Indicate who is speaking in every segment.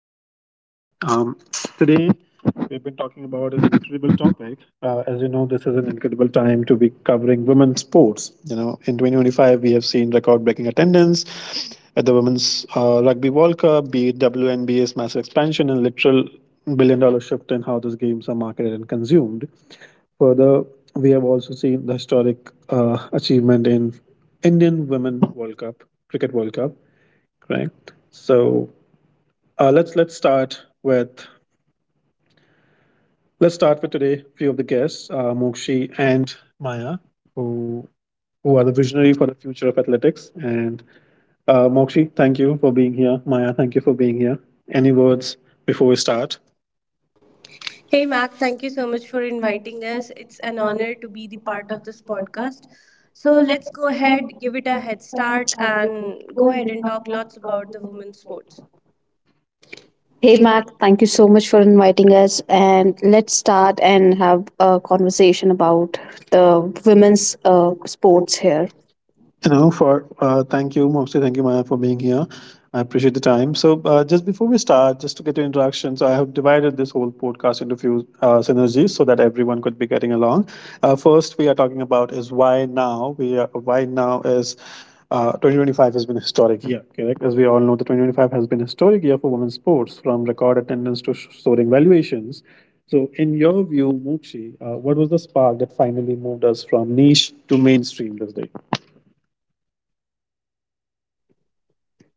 Speaker 1: Podcast. Um, today we've been talking about an incredible topic. As you know, this is an incredible time to be covering women's sports. You know, in 2025, we have seen record breaking attendance at the Women's Rugby World Cup, be it WNBA's massive expansion and literal billion-dollar shift in how those games are marketed and consumed. Further, we have also seen the historic achievement in Indian Women World Cup, Cricket World Cup, correct? So let's start with today. Few of the guests, Mokshi and Maya, who who are the visionary for the future of athletics. And Mokshi, thank you for being here. Maya, thank you for being here. Any words before we start?
Speaker 2: Hey, Mac, thank you so much for inviting us. It's an honor to be the part of this podcast. So let's go ahead, give it a head start, and go ahead and talk lots about the women's sports.
Speaker 3: Hey, Mac, thank you so much for inviting us. And let's start and have a conversation about the women's sports here.
Speaker 1: You know, for thank you, mostly thank you, Maya, for being here. I appreciate the time. So, just before we start, just to get your introduction, so I have divided this whole podcast into few synergies so that everyone could be getting along. First, we are talking about is why now. We are why now is. 2025 has been a historic year, correct? As we all know, the 2025 has been a historic year for women's sports, from record attendance to soaring valuations. So, in your view, Mochi, what was the spark that finally moved us from niche to mainstream this day?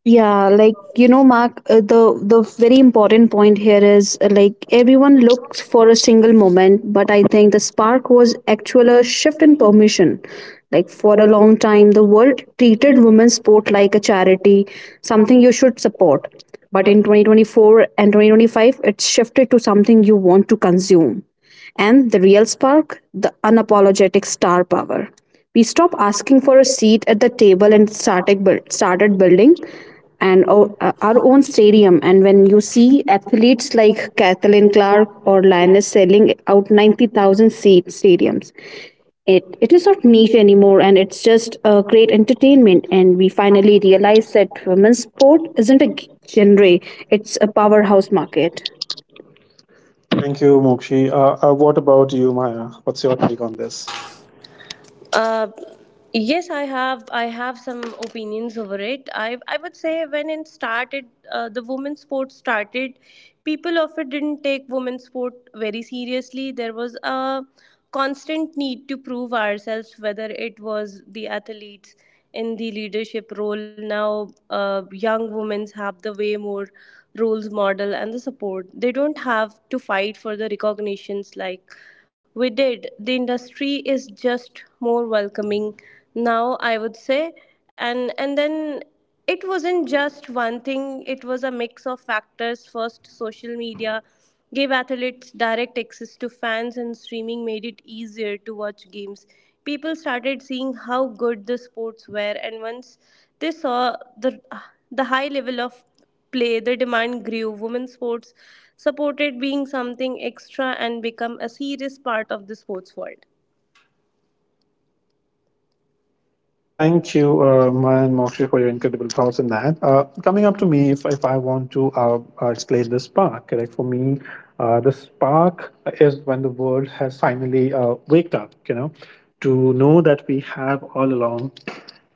Speaker 3: Mark, the very important point here is like everyone looks for a single moment, but I think the spark was actual a shift in permission. Like for a long time, the world treated women's sport like a charity, something you should support. But in 2024 and 2025, it's shifted to something you want to consume. And the real spark? The unapologetic star power. We stopped asking for a seat at the table and started building and our own stadium. And when you see athletes like Kathleen Clark or Lioness selling out 90,000 seat stadiums, it is not niche anymore, and it's just a great entertainment. And we finally realized that women's sport isn't a genre, it's a powerhouse market.
Speaker 1: Thank you, Mokshi. What about you, Maya? What's your take on this?
Speaker 2: Uh, yes, I have. I have some opinions over it. I would say when it started, the women's sports started, people often didn't take women's sport very seriously. There was a constant need to prove ourselves, whether it was the athletes in the leadership role now young women have the way more roles model and the support. They don't have to fight for the recognitions like we did. The industry is just more welcoming now, I would say. And then it wasn't just one thing. It was a mix of factors. First, social media gave athletes direct access to fans, and streaming made it easier to watch games. People started seeing how good the sports were, and once they saw the high level of play, the demand grew. Women's sports supported being something extra and become a serious part of the sports world.
Speaker 1: Thank you, Maya and Mokshi, for your incredible thoughts on that. Coming up to me, if I want to explain the spark, correct? For me, the spark is when the world has finally waked up, you know, to know that we have all along.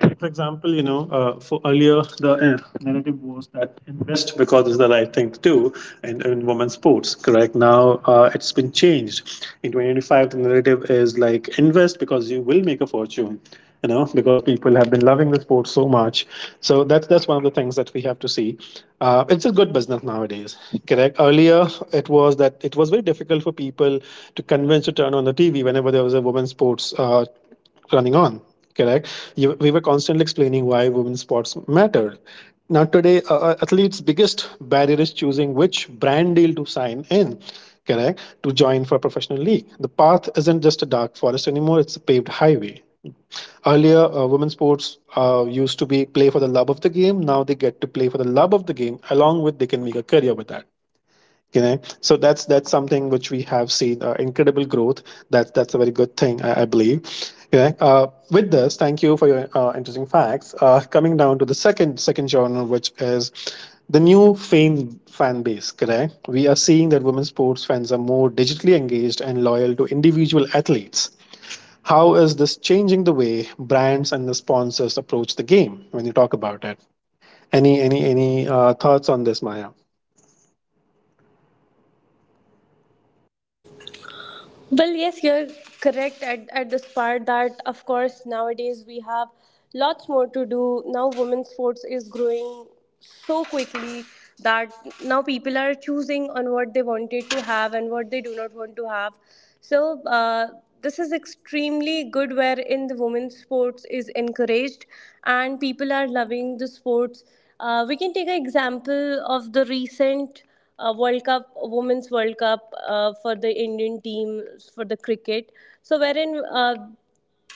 Speaker 1: Like for example, you know, for earlier the narrative was that invest because it's the right thing to do in women's sports. Correct. Now it's been changed. In 2025, the narrative is like invest because you will make a fortune. You know, because people have been loving the sport so much. So that's one of the things that we have to see. It's a good business nowadays. Correct. Earlier, it was that it was very difficult for people to convince to turn on the TV whenever there was a women's sports running on, correct? You, we were constantly explaining why women's sports mattered now today. Athletes biggest barrier is choosing which brand deal to sign in, correct, to join for a professional league. The path isn't just a dark forest anymore, it's a paved highway. Earlier, women's sports used to be play for the love of the game. Now they get to play for the love of the game along with they can make a career with that, you know. So that's something which we have seen incredible growth. That's a very good thing I believe, you know. With this, thank you for your interesting facts. Coming down to the second genre, which is the new fan base, correct? We are seeing that women's sports fans are more digitally engaged and loyal to individual athletes. How is this changing the way brands and the sponsors approach the game when you talk about it? Any thoughts on this, Maya?
Speaker 2: Well, yes, you're correct at this part that, of course, nowadays we have lots more to do. Now, women's sports is growing so quickly that now people are choosing on what they wanted to have and what they do not want to have. So, this is extremely good wherein the women's sports is encouraged and people are loving the sports. We can take an example of the recent World Cup, Women's World Cup for the Indian team for the cricket. So, wherein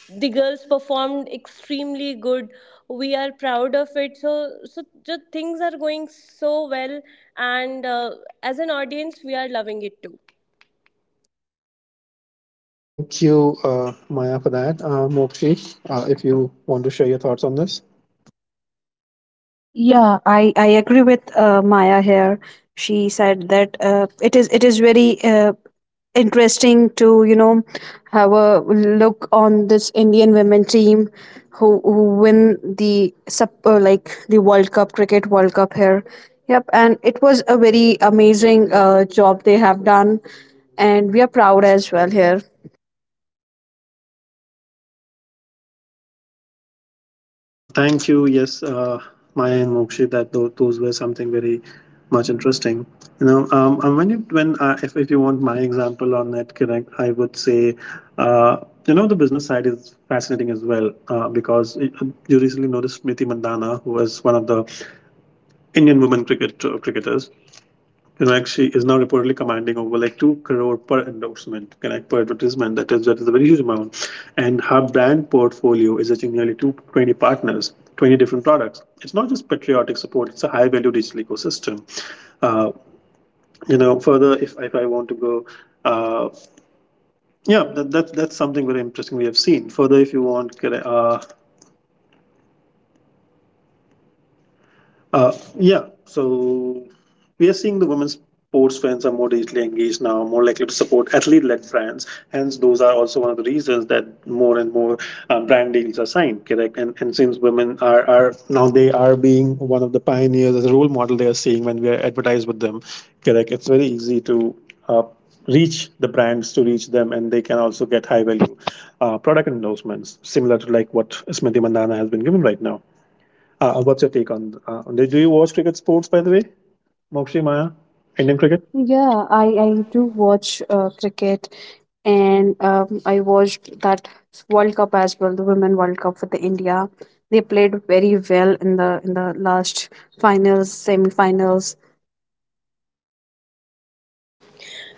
Speaker 2: the girls performed extremely good. We are proud of it. So, so just things are going so well, and as an audience, we are loving it too.
Speaker 1: Thank you, Maya, for that. Mokshi, if you want to share your thoughts on this.
Speaker 3: I agree with Maya here. She said that it is very interesting to have a look on this Indian women team who win the sub like the World Cup, cricket World Cup here. Yep, and it was a very amazing job they have done, and we are proud as well here.
Speaker 1: Thank you. Yes, Maya and Mokshi, that those were something very much interesting. You know, and when you when if you want my example on NetConnect, I would say, uh, you know, the business side is fascinating as well because you recently noticed Smriti Mandana, who was one of the Indian women cricket cricketers, Connect, she is now reportedly commanding over like two crore per endorsement, Connect, per advertisement. That is a very huge amount, and her brand portfolio is reaching nearly 220 partners, 20 different products. It's not just patriotic support; it's a high value digital ecosystem. Uh, you know, further if I want to go, uh, yeah, that's something very interesting we have seen. Further, if you want, Connect- Uh, yeah, so we are seeing the women's sports fans are more digitally engaged now, more likely to support athlete-led brands. Hence, those are also one of the reasons that more and more brand deals are signed. Correct, and since women are now they are being one of the pioneers as a role model, they are seeing when we are advertised with them. Correct, it's very easy to. Uh, reach the brands to reach them, and they can also get high value product endorsements similar to like what Smriti Mandana has been given right now. Ah, what's your take on do you watch cricket sports, by the way, Mokshi, Maya, Indian cricket?
Speaker 3: I do watch cricket and I watched that World Cup as well, the Women World Cup for the India. They played very well in the last finals, semi-finals.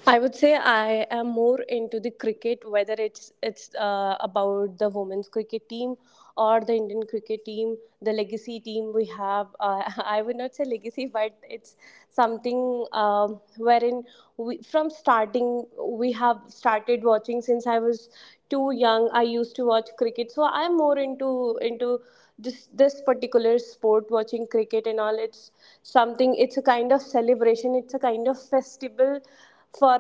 Speaker 2: I would say I am more into the cricket, whether it's about the women's cricket team or the Indian cricket team, the legacy team we have. I would not say legacy, but it's something wherein we from starting we have started watching since I was too young. I used to watch cricket, so I'm more into this particular sport, watching cricket and all. It's something. It's a kind of celebration. It's a kind of festival for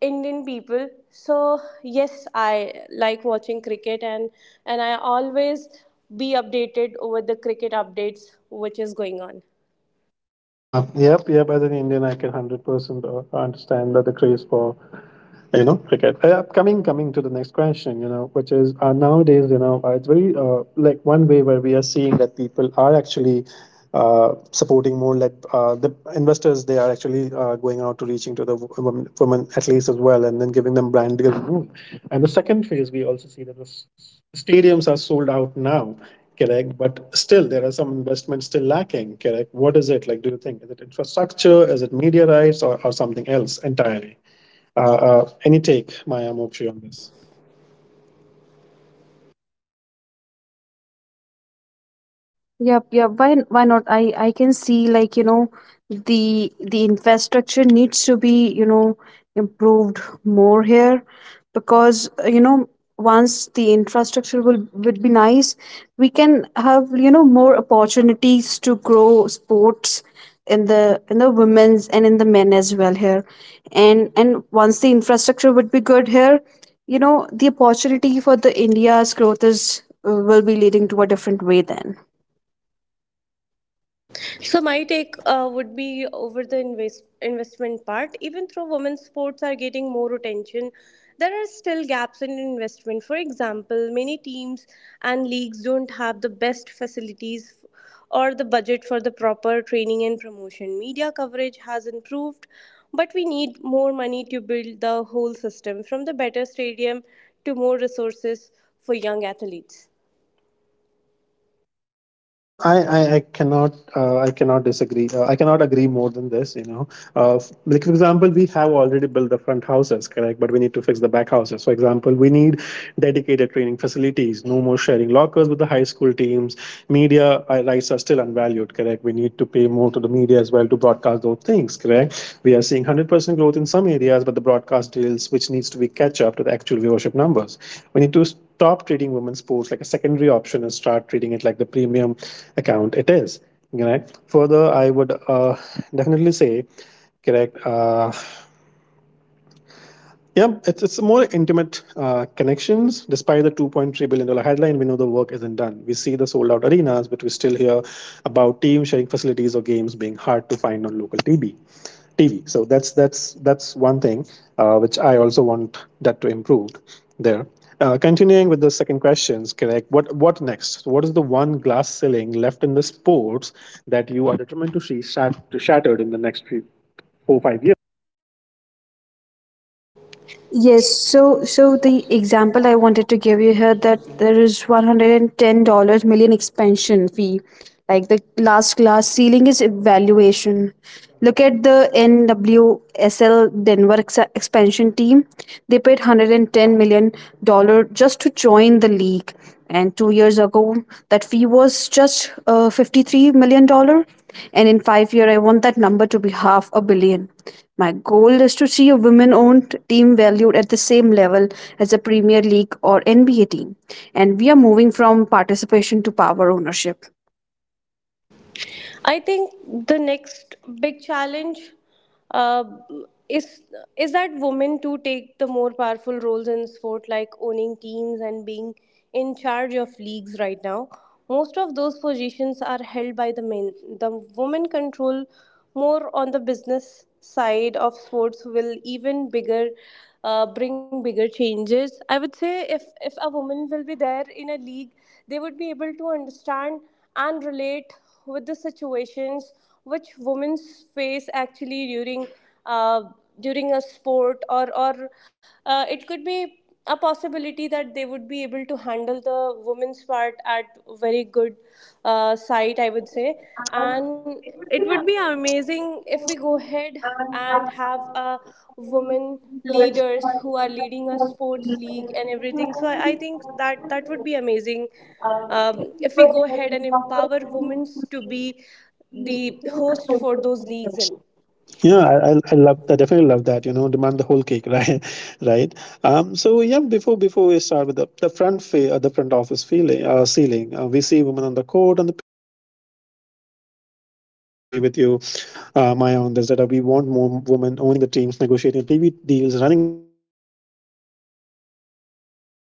Speaker 2: Indian people. So yes, I like watching cricket, and I always be updated over the cricket updates which is going on.
Speaker 1: Yep. As an Indian, I can 100% understand that the craze for, you know, cricket. Coming to the next question, you know, which is nowadays, you know, it's very like one way where we are seeing that people are actually supporting more like the investors. They are actually going out to reaching to the women athletes as well, and then giving them brand deals. And the second phase, we also see that the stadiums are sold out now, correct? But still there are some investments still lacking, correct? What is it like? Do you think is it infrastructure, is it media rights, or something else entirely? Any take, Maya, Mokshi, on this?
Speaker 3: Yep, yep. Why, why not? I can see, the infrastructure needs to be, you know, improved more here because, you know, once the infrastructure will would be nice, we can have, you know, more opportunities to grow sports in the women's and in the men as well here. And once the infrastructure would be good here, you know, the opportunity for the India's growth is will be leading to a different way then.
Speaker 2: So my take would be over the investment part. Even though women's sports are getting more attention, there are still gaps in investment. For example, many teams and leagues don't have the best facilities or the budget for the proper training and promotion. Media coverage has improved, but we need more money to build the whole system, from the better stadium to more resources for young athletes.
Speaker 1: I cannot disagree. I cannot agree more than this. You know, Uh, like for example, we have already built the front houses, correct? But we need to fix the back houses. For example, we need dedicated training facilities. No more sharing lockers with the high school teams. Media rights are still unvalued, correct? We need to pay more to the media as well to broadcast those things, correct? We are seeing 100% growth in some areas, but the broadcast deals, which needs to be catch up to the actual viewership numbers. We need to stop treating women's sports like a secondary option and start treating it like the premium account it is. You know, further, I would definitely say. Correct. Yeah, it's more intimate connections. Despite the 2.3 billion-dollar headline, we know the work isn't done. We see the sold out arenas, but we still hear about teams sharing facilities or games being hard to find on local TV. TV. So that's that's one thing which I also want that to improve there. Continuing with the second questions, correct? What next? So what is the one glass ceiling left in the sports that you are determined to see shattered in the next few, 4 or 5 years?
Speaker 3: So the example I wanted to give you here that there is $110 million expansion fee. Like the last class ceiling is evaluation. Look at the NWSL Denver expansion team. They paid $110 million just to join the league, and 2 years ago that fee was just 53 million dollar. And in 5 year, I want that number to be half a billion. My goal is to see a women owned team valued at the same level as a premier league or NBA team, and we are moving from participation to power ownership.
Speaker 2: I think the next big challenge uh, is is that women too take the more powerful roles in sport, like owning teams and being in charge of leagues. Right now, most of those positions are held by the men. The women control more on the business side of sports will even bigger bring bigger changes, I would say. If a woman will be there in a league, they would be able to understand and relate with the situations which women face actually during, uh, during a sport, or it could be a possibility that they would be able to handle the women's part at very good site, I would say. And it would be amazing if we go ahead and have a woman leaders who are leading a sports league and everything. So I think that that would be amazing, if we go ahead and empower women to be the host for those leagues and
Speaker 1: I definitely love that. You know, demand the whole cake, right? Right. So yeah, before we start with the front office feeling ceiling, we see women on the court on the pitch, but I 100% agree with you, Maya, on this that we want more women owning the teams, negotiating TV deals, running the data analytics. Correct. I want it to be so normal to see a female GM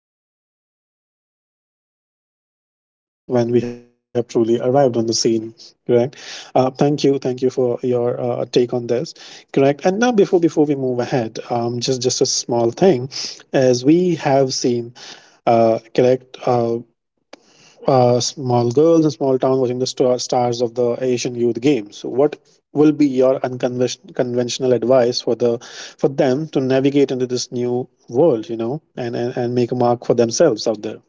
Speaker 1: or owner that we didn't even write a headline about it. That's when we have truly arrived on the scene. Correct. Thank you for your take on this. Correct. And now, before we move ahead, just a small thing, as we have seen, uh, correct, uh, small girls in small town watching the stars of the Asian Youth Games. So what will be your unconventional advice for the for them to navigate into this new world, you know, and make a mark for themselves out there?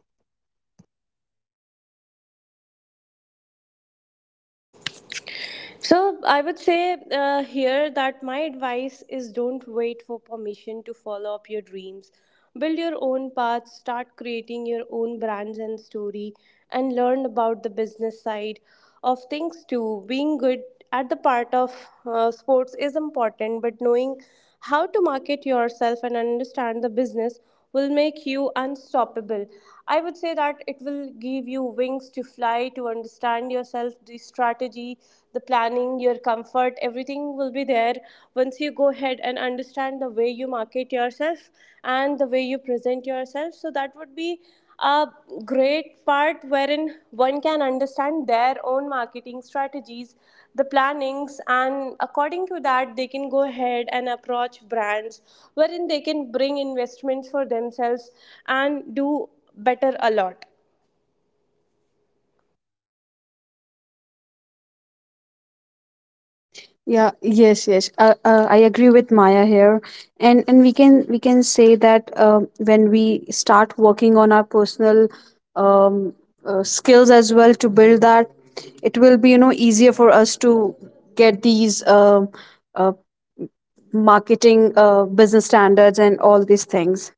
Speaker 2: So I would say, here, that my advice is don't wait for permission to follow up your dreams. Build your own path, start creating your own brands and story, and learn about the business side of things too. Being good at the part of sports is important, but knowing how to market yourself and understand the business will make you unstoppable. I would say that it will give you wings to fly, to understand yourself, the strategy, the planning, your comfort, everything will be there once you go ahead and understand the way you market yourself and the way you present yourself. So that would be a great part wherein one can understand their own marketing strategies, the plannings, and according to that, they can go ahead and approach brands wherein they can bring investments for themselves and do better a lot.
Speaker 3: Yeah, yes. I agree with Maya here, and we can say that when we start working on our personal um, skills as well to build that, it will be, you know, easier for us to get these uh, marketing, business standards and all these things.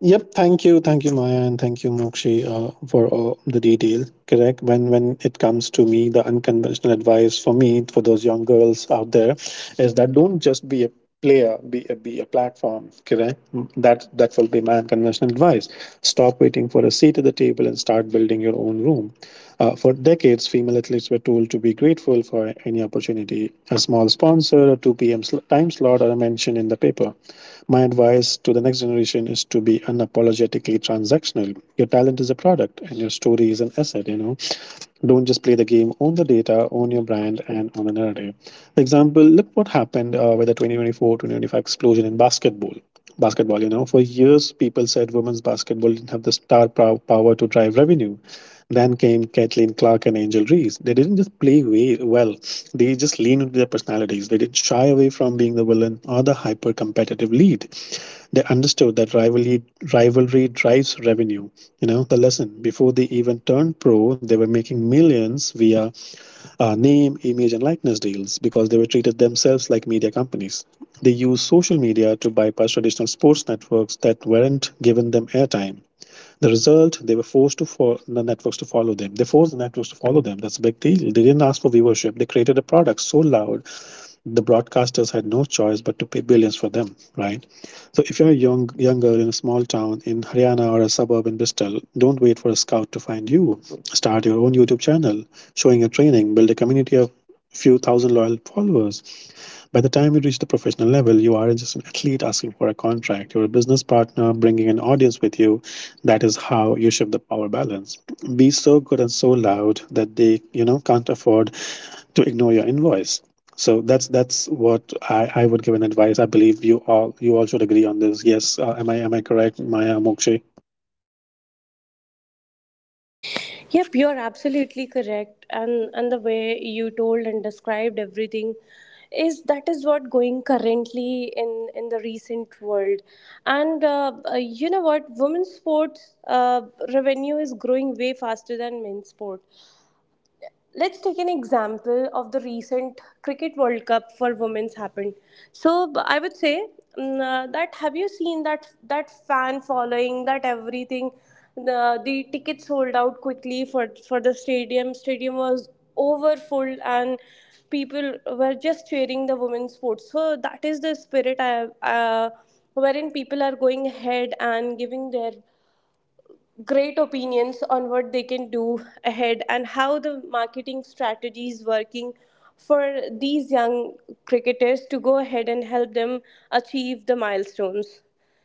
Speaker 1: Yep. Thank you. Thank you, Maya, and thank you, Mokshi, for all the detail. Correct. When it comes to me, the unconventional advice for me for those young girls out there is that don't just be a player, be a platform. Correct. Mm, that will be my unconventional advice. Stop waiting for a seat at the table and start building your own room. For decades, female athletes were told to be grateful for any opportunity, a small sponsor, a 2 p.m. Time slot, or a mention in the paper. My advice to the next generation is to be unapologetically transactional. Your talent is a product and your story is an asset. Don't just play the game, own the data, own your brand, and own the narrative. For example, look what happened with the 2024, 2025 explosion in basketball. Basketball, for years people said women's basketball didn't have the power to drive revenue. Then came Kathleen Clark and Angel Reese. They didn't just play way well, they just leaned into their personalities. They didn't shy away from being the villain or the hyper competitive lead. They understood that rivalry drives revenue. You know, the lesson before they even turned pro, they were making millions via name, image, and likeness deals because they were treated themselves like media companies. They used social media to bypass traditional sports networks that weren't given them airtime. The result, they were forced to for the networks to follow them. They forced the networks to follow them. That's a big deal. They didn't ask for viewership. They created a product so loud the broadcasters had no choice but to pay billions for them, right? So if you're a younger in a small town in Haryana or a suburb in Bristol, don't wait for a scout to find you. Start your own YouTube channel, showing your training, build a community of few thousand loyal followers. By the time you reach the professional level, you aren't just an athlete asking for a contract. You're a business partner bringing an audience with you. That is how you shift the power balance. Be so good and so loud that they can't afford to ignore your invoice. So that's what I would give an advice. I believe you all should agree on this. Yes, am I correct, Maya Mokshi?
Speaker 2: Yep, you're absolutely correct. And the way you told and described everything is that is what going currently in the recent world. And you know what, women's sports revenue is growing way faster than men's sport. Let's take an example of the recent cricket World Cup for women's happened. So I would say, that have you seen that that fan following, that everything, the tickets sold out quickly. For the stadium, stadium was over full, and people were just cheering the women's sports. So that is the spirit I wherein people are going ahead and giving their great opinions on what they can do ahead, and how the marketing strategy is working for these young cricketers, to go ahead and help them achieve the milestones.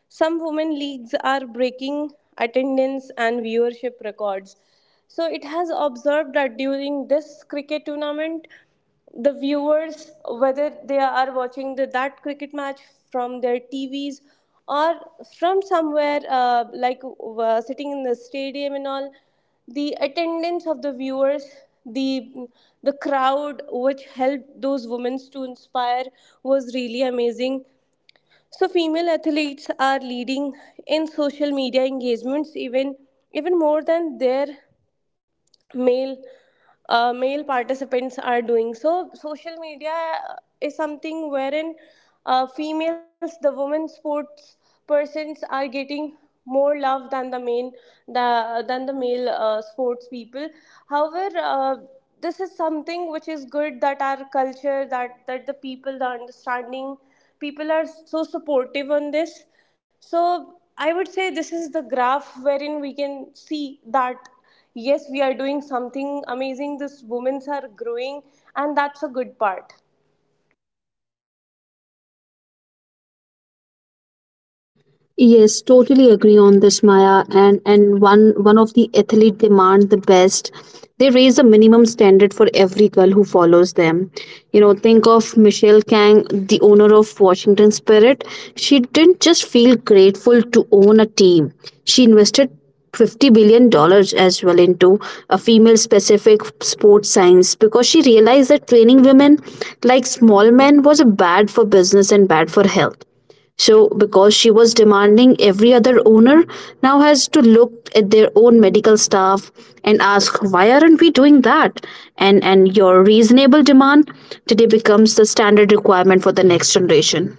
Speaker 2: Some women leagues are breaking attendance and viewership records. So it has observed that during this cricket tournament, the viewers, whether they are watching the, that cricket match from their TVs or from somewhere like sitting in the stadium and all, the attendance of the viewers, the the crowd which helped those women to inspire, was really amazing. So female athletes are leading in social media engagements, even more than their male male participants are doing. So social media is something wherein females, the women sports persons, are getting more love than the main, the, than the male sports people. However, this is something which is good, that our culture, that the people, the understanding people, are so supportive on this. So I would say this is the graph wherein we can see that yes, we are doing something amazing. These women's are growing, and that's a good part.
Speaker 3: Yes, totally agree on this, Maya. And one of the athlete demand the best. They raise a minimum standard for every girl who follows them. You know, think of Michelle Kang, the owner of Washington Spirit. She didn't just feel grateful to own a team. She invested 50 billion dollars as well into a female specific sports science because she realized that training women like small men was bad for business and bad for health. So, because she was demanding, every other owner now has to look at their own medical staff and ask, why aren't we doing that? And your reasonable demand today becomes the standard requirement for the next generation.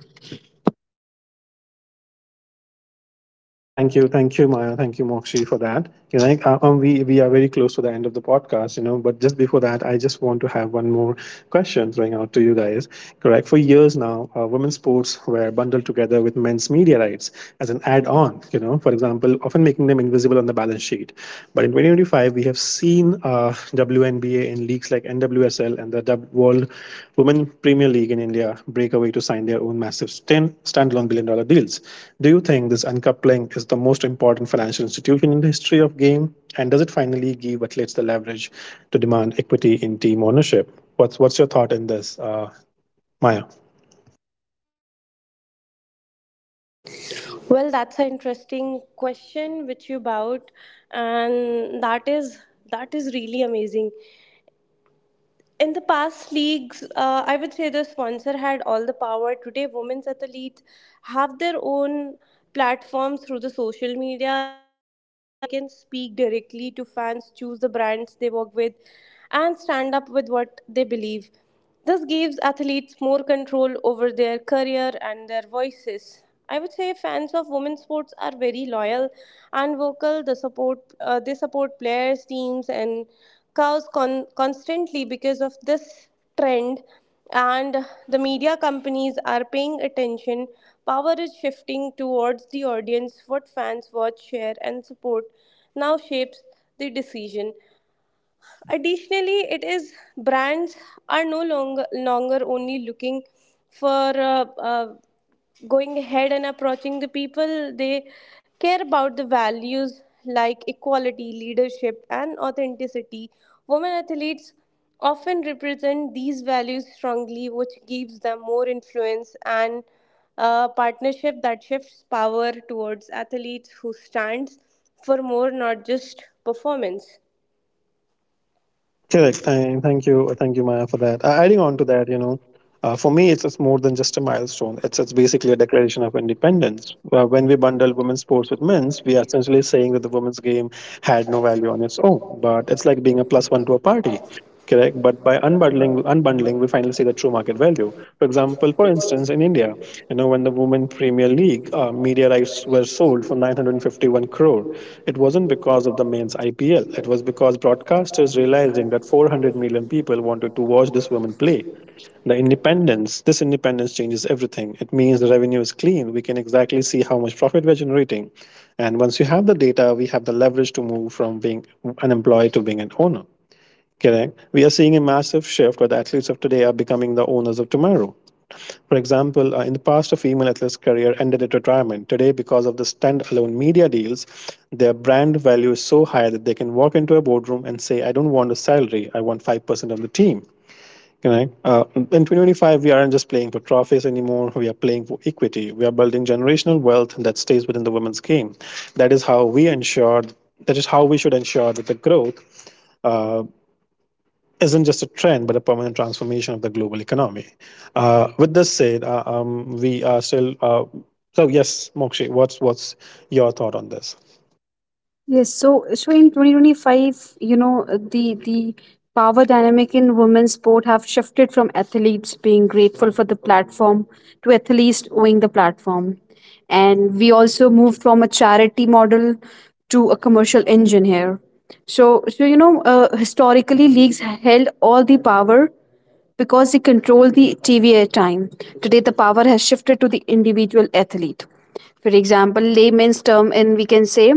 Speaker 1: Thank you, Maya, thank you, Mokshi, for that. We are very close to the end of the podcast. But just before that, I just want to have one more question throwing out to you guys. Correct? For years now, women's sports were bundled together with men's media rights as an add-on. You know, for example, often making them invisible on the balance sheet. But in 2025, we have seen WNBA in leagues like NWSL and the World Women Premier League in India break away to sign their own massive standalone billion dollar deals. Do you think this uncoupling is the most important financial institution in the history of game? And does it finally give athletes the leverage to demand equity in team ownership? What's your thought in this, Maya?
Speaker 2: Well, that's an interesting question which you about, and that is really amazing. In the past leagues, I would say the sponsor had all the power. Today, women's athletes have their own platforms through the social media. They can speak directly to fans, choose the brands they work with, and stand up with what they believe. This gives athletes more control over their career and their voices. I would say fans of women's sports are very loyal and vocal. The support, they support players, teams, and cows constantly because of this trend. And the media companies are paying attention. Power is shifting towards the audience. What fans watch, share, and support now shapes the decision. Additionally, it is brands are no longer only looking for going ahead and approaching the people. They care about the values like equality, leadership, and authenticity. Women athletes often represent these values strongly, which gives them more influence and a partnership that shifts power towards athletes who stands for more, not just performance.
Speaker 1: Correct. Thank you. Thank you, Maya, for that. Adding on to that, you know, for me, it's more than just a milestone. It's basically a declaration of independence. When we bundle women's sports with men's, we are essentially saying that the women's game had no value on its own, but it's like being a plus one to a party. Correct. But by unbundling, we finally see the true market value. For example, for instance, in India, you know, when the Women Premier League media rights were sold for 951 crore, it wasn't because of the men's IPL. It was because broadcasters realizing that 400 million people wanted to watch this woman play. This independence changes everything. It means the revenue is clean. We can exactly see how much profit we're generating. And once we have the data, we have the leverage to move from being an employee to being an owner. Correct. We are seeing a massive shift where the athletes of today are becoming the owners of tomorrow. For example, in the past, a female athlete's career ended at retirement. Today, because of the standalone media deals, their brand value is so high that they can walk into a boardroom and say, "I don't want a salary. I want 5% of the team." Right? In 2025, we aren't just playing for trophies anymore. We are playing for equity. We are building generational wealth that stays within the women's game. That is how we ensure. That is how we should ensure that the growth uh, isn't just a trend, but a permanent transformation of the global economy. With this said, we are still. So yes, Mokshi, what's your thought on this?
Speaker 3: So in 2025, you know, the power dynamic in women's sport have shifted from athletes being grateful for the platform to athletes owing the platform. And we also moved from a charity model to a commercial engine here. Historically leagues held all the power because they control the TV airtime. Today, the power has shifted to the individual athlete. For example, layman's term, and we can say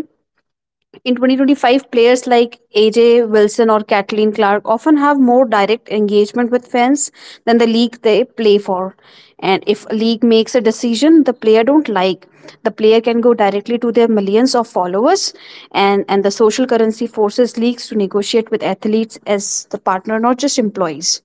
Speaker 3: in 2025, players like AJ Wilson or Kathleen Clark often have more direct engagement with fans than the league they play for. And if a league makes a decision the player don't like, the player can go directly to their millions of followers, and the social currency forces leagues to negotiate with athletes as the partner, not just employees.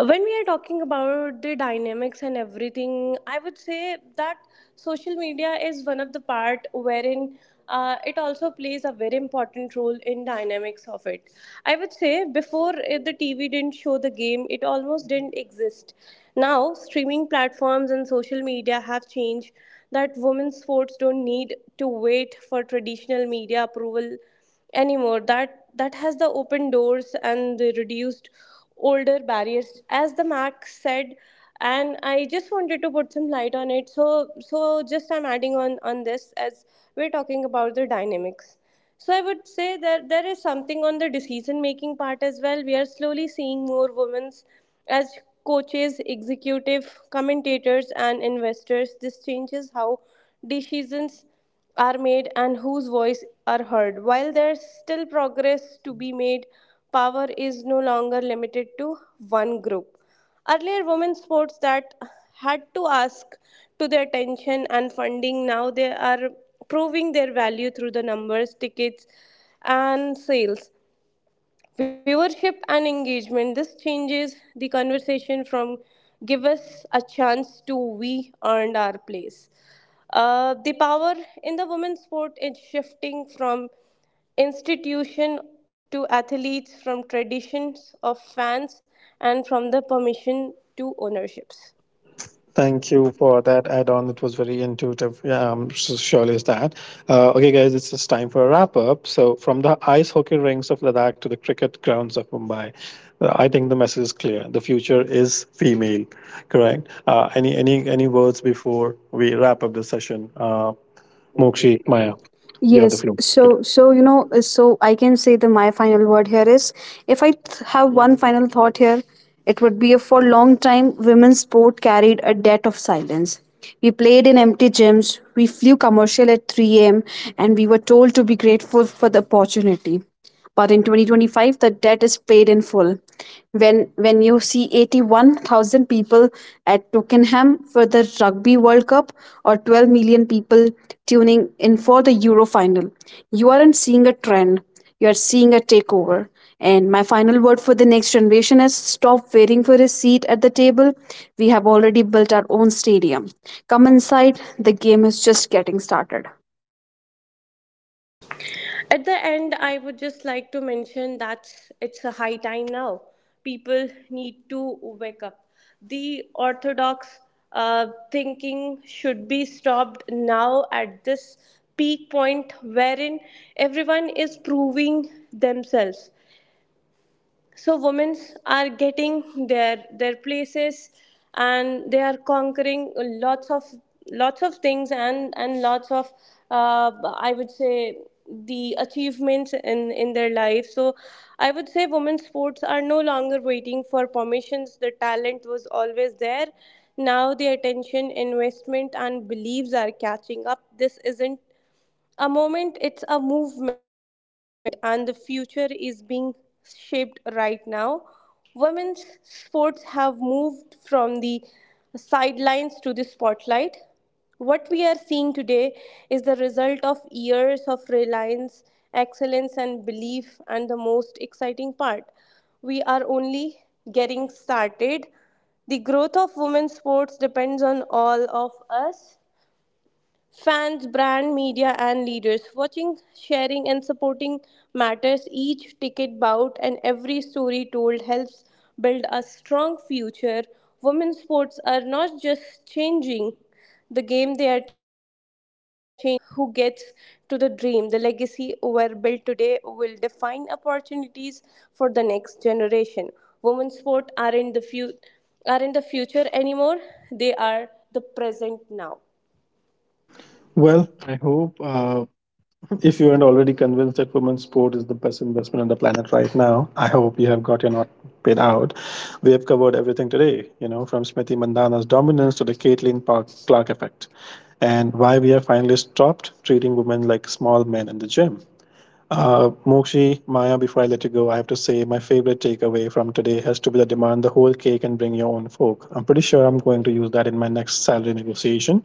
Speaker 2: When we are talking about the dynamics and everything, I would say that social media is one of the part wherein it also plays a very important role in dynamics of it. I would say before, the TV didn't show the game, it almost didn't exist. Now streaming platforms and social media have changed that. Women's sports don't need to wait for traditional media approval anymore. That has the open doors and the reduced older barriers, as the Mac said. And I just wanted to put some light on it. So so just I'm adding on this. As we're talking about the dynamics, so I would say that there is something on the decision making part as well. We are slowly seeing more women as coaches, executive commentators, and investors. This changes how decisions are made and whose voice are heard. While there's still progress to be made, power is no longer limited to one group. Earlier, women's sports that had to ask to their attention and funding, now they are proving their value through the numbers, tickets, and sales. Viewership and engagement. This changes the conversation from give us a chance to we earned our place. The power in the women's sport is shifting from institution to athletes, from traditions of fans, and from the permission to ownerships.
Speaker 1: Thank you for that add-on. It was very intuitive. Yeah, surely is that. Okay, guys, it's just time for a wrap-up. So, from the ice hockey rinks of Ladakh to the cricket grounds of Mumbai, I think the message is clear. The future is female. Correct. Uh, any words before we wrap up the session? Mokshi, Maya, you have the
Speaker 3: Yes,
Speaker 1: floor. Today.
Speaker 3: so so you know, uh, so I can say the my final word here is if I have one final thought here, it would be for long time women's sport carried a debt of silence. We played in empty gyms, we flew commercial at 3 a.m., and we were told to be grateful for the opportunity. But in 2025, the debt is paid in full. When you see 81,000 people at Twickenham for the Rugby World Cup or 12 million people tuning in for the Euro final, you aren't seeing a trend. You are seeing a takeover. And my final word for the next generation is stop waiting for a seat at the table. We have already built our own stadium. Come inside, the game is just getting started.
Speaker 2: At the end, I would just like to mention that it's a high time now. People need to wake up. The orthodox thinking should be stopped now at this peak point wherein everyone is proving themselves. So women are getting their places, and they are conquering lots of things, and lots of uh, I would say the achievements in their life. So I would say women's sports are no longer waiting for permissions. The talent was always there. Now the attention, investment, and beliefs are catching up. This isn't a moment, it's a movement, and the future is being shaped right now. Women's sports have moved from the sidelines to the spotlight. What we are seeing today is the result of years of reliance, excellence, and belief. And the most exciting part, we are only getting started. The growth of women's sports depends on all of us. Fans, brand, media, and leaders watching, sharing, and supporting matters. Each ticket bout and every story told helps build a strong future. Women's sports are not just changing the game, they are changing who gets to the dream. The legacy we're built today will define opportunities for the next generation. Women's sports aren't the, fu aren't the future anymore, they are the present now.
Speaker 1: Well, I hope if you aren't already convinced that women's sport is the best investment on the planet right now, I hope you have got your not paid out. We have covered everything today, you know, from Smriti Mandana's dominance to the Clark effect, and why we have finally stopped treating women like small men in the gym. Mokshi, Maya, before I let you go, I have to say my favorite takeaway from today has to be the demand the whole cake and bring your own fork. I'm pretty sure I'm going to use that in my next salary negotiation.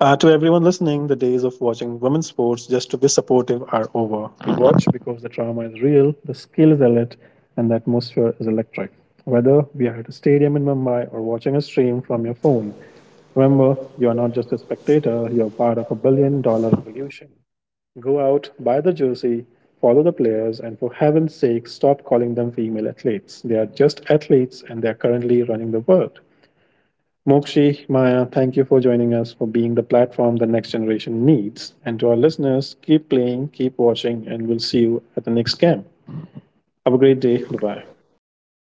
Speaker 1: To everyone listening, the days of watching women's sports just to be supportive are over. We watch because the drama is real, the skill is elite, and the atmosphere is electric. Whether we are at a stadium in Mumbai or watching a stream from your phone, remember you are not just a spectator, you are part of a billion dollar revolution. Go out, buy the jersey, follow the players, and for heaven's sake, stop calling them female athletes. They are just athletes and they are currently running the world. Mokshi, Maya, thank you for joining us, for being the platform the next generation needs. And to our listeners, keep playing, keep watching, and we'll see you at the next camp. Have a great day. Bye bye.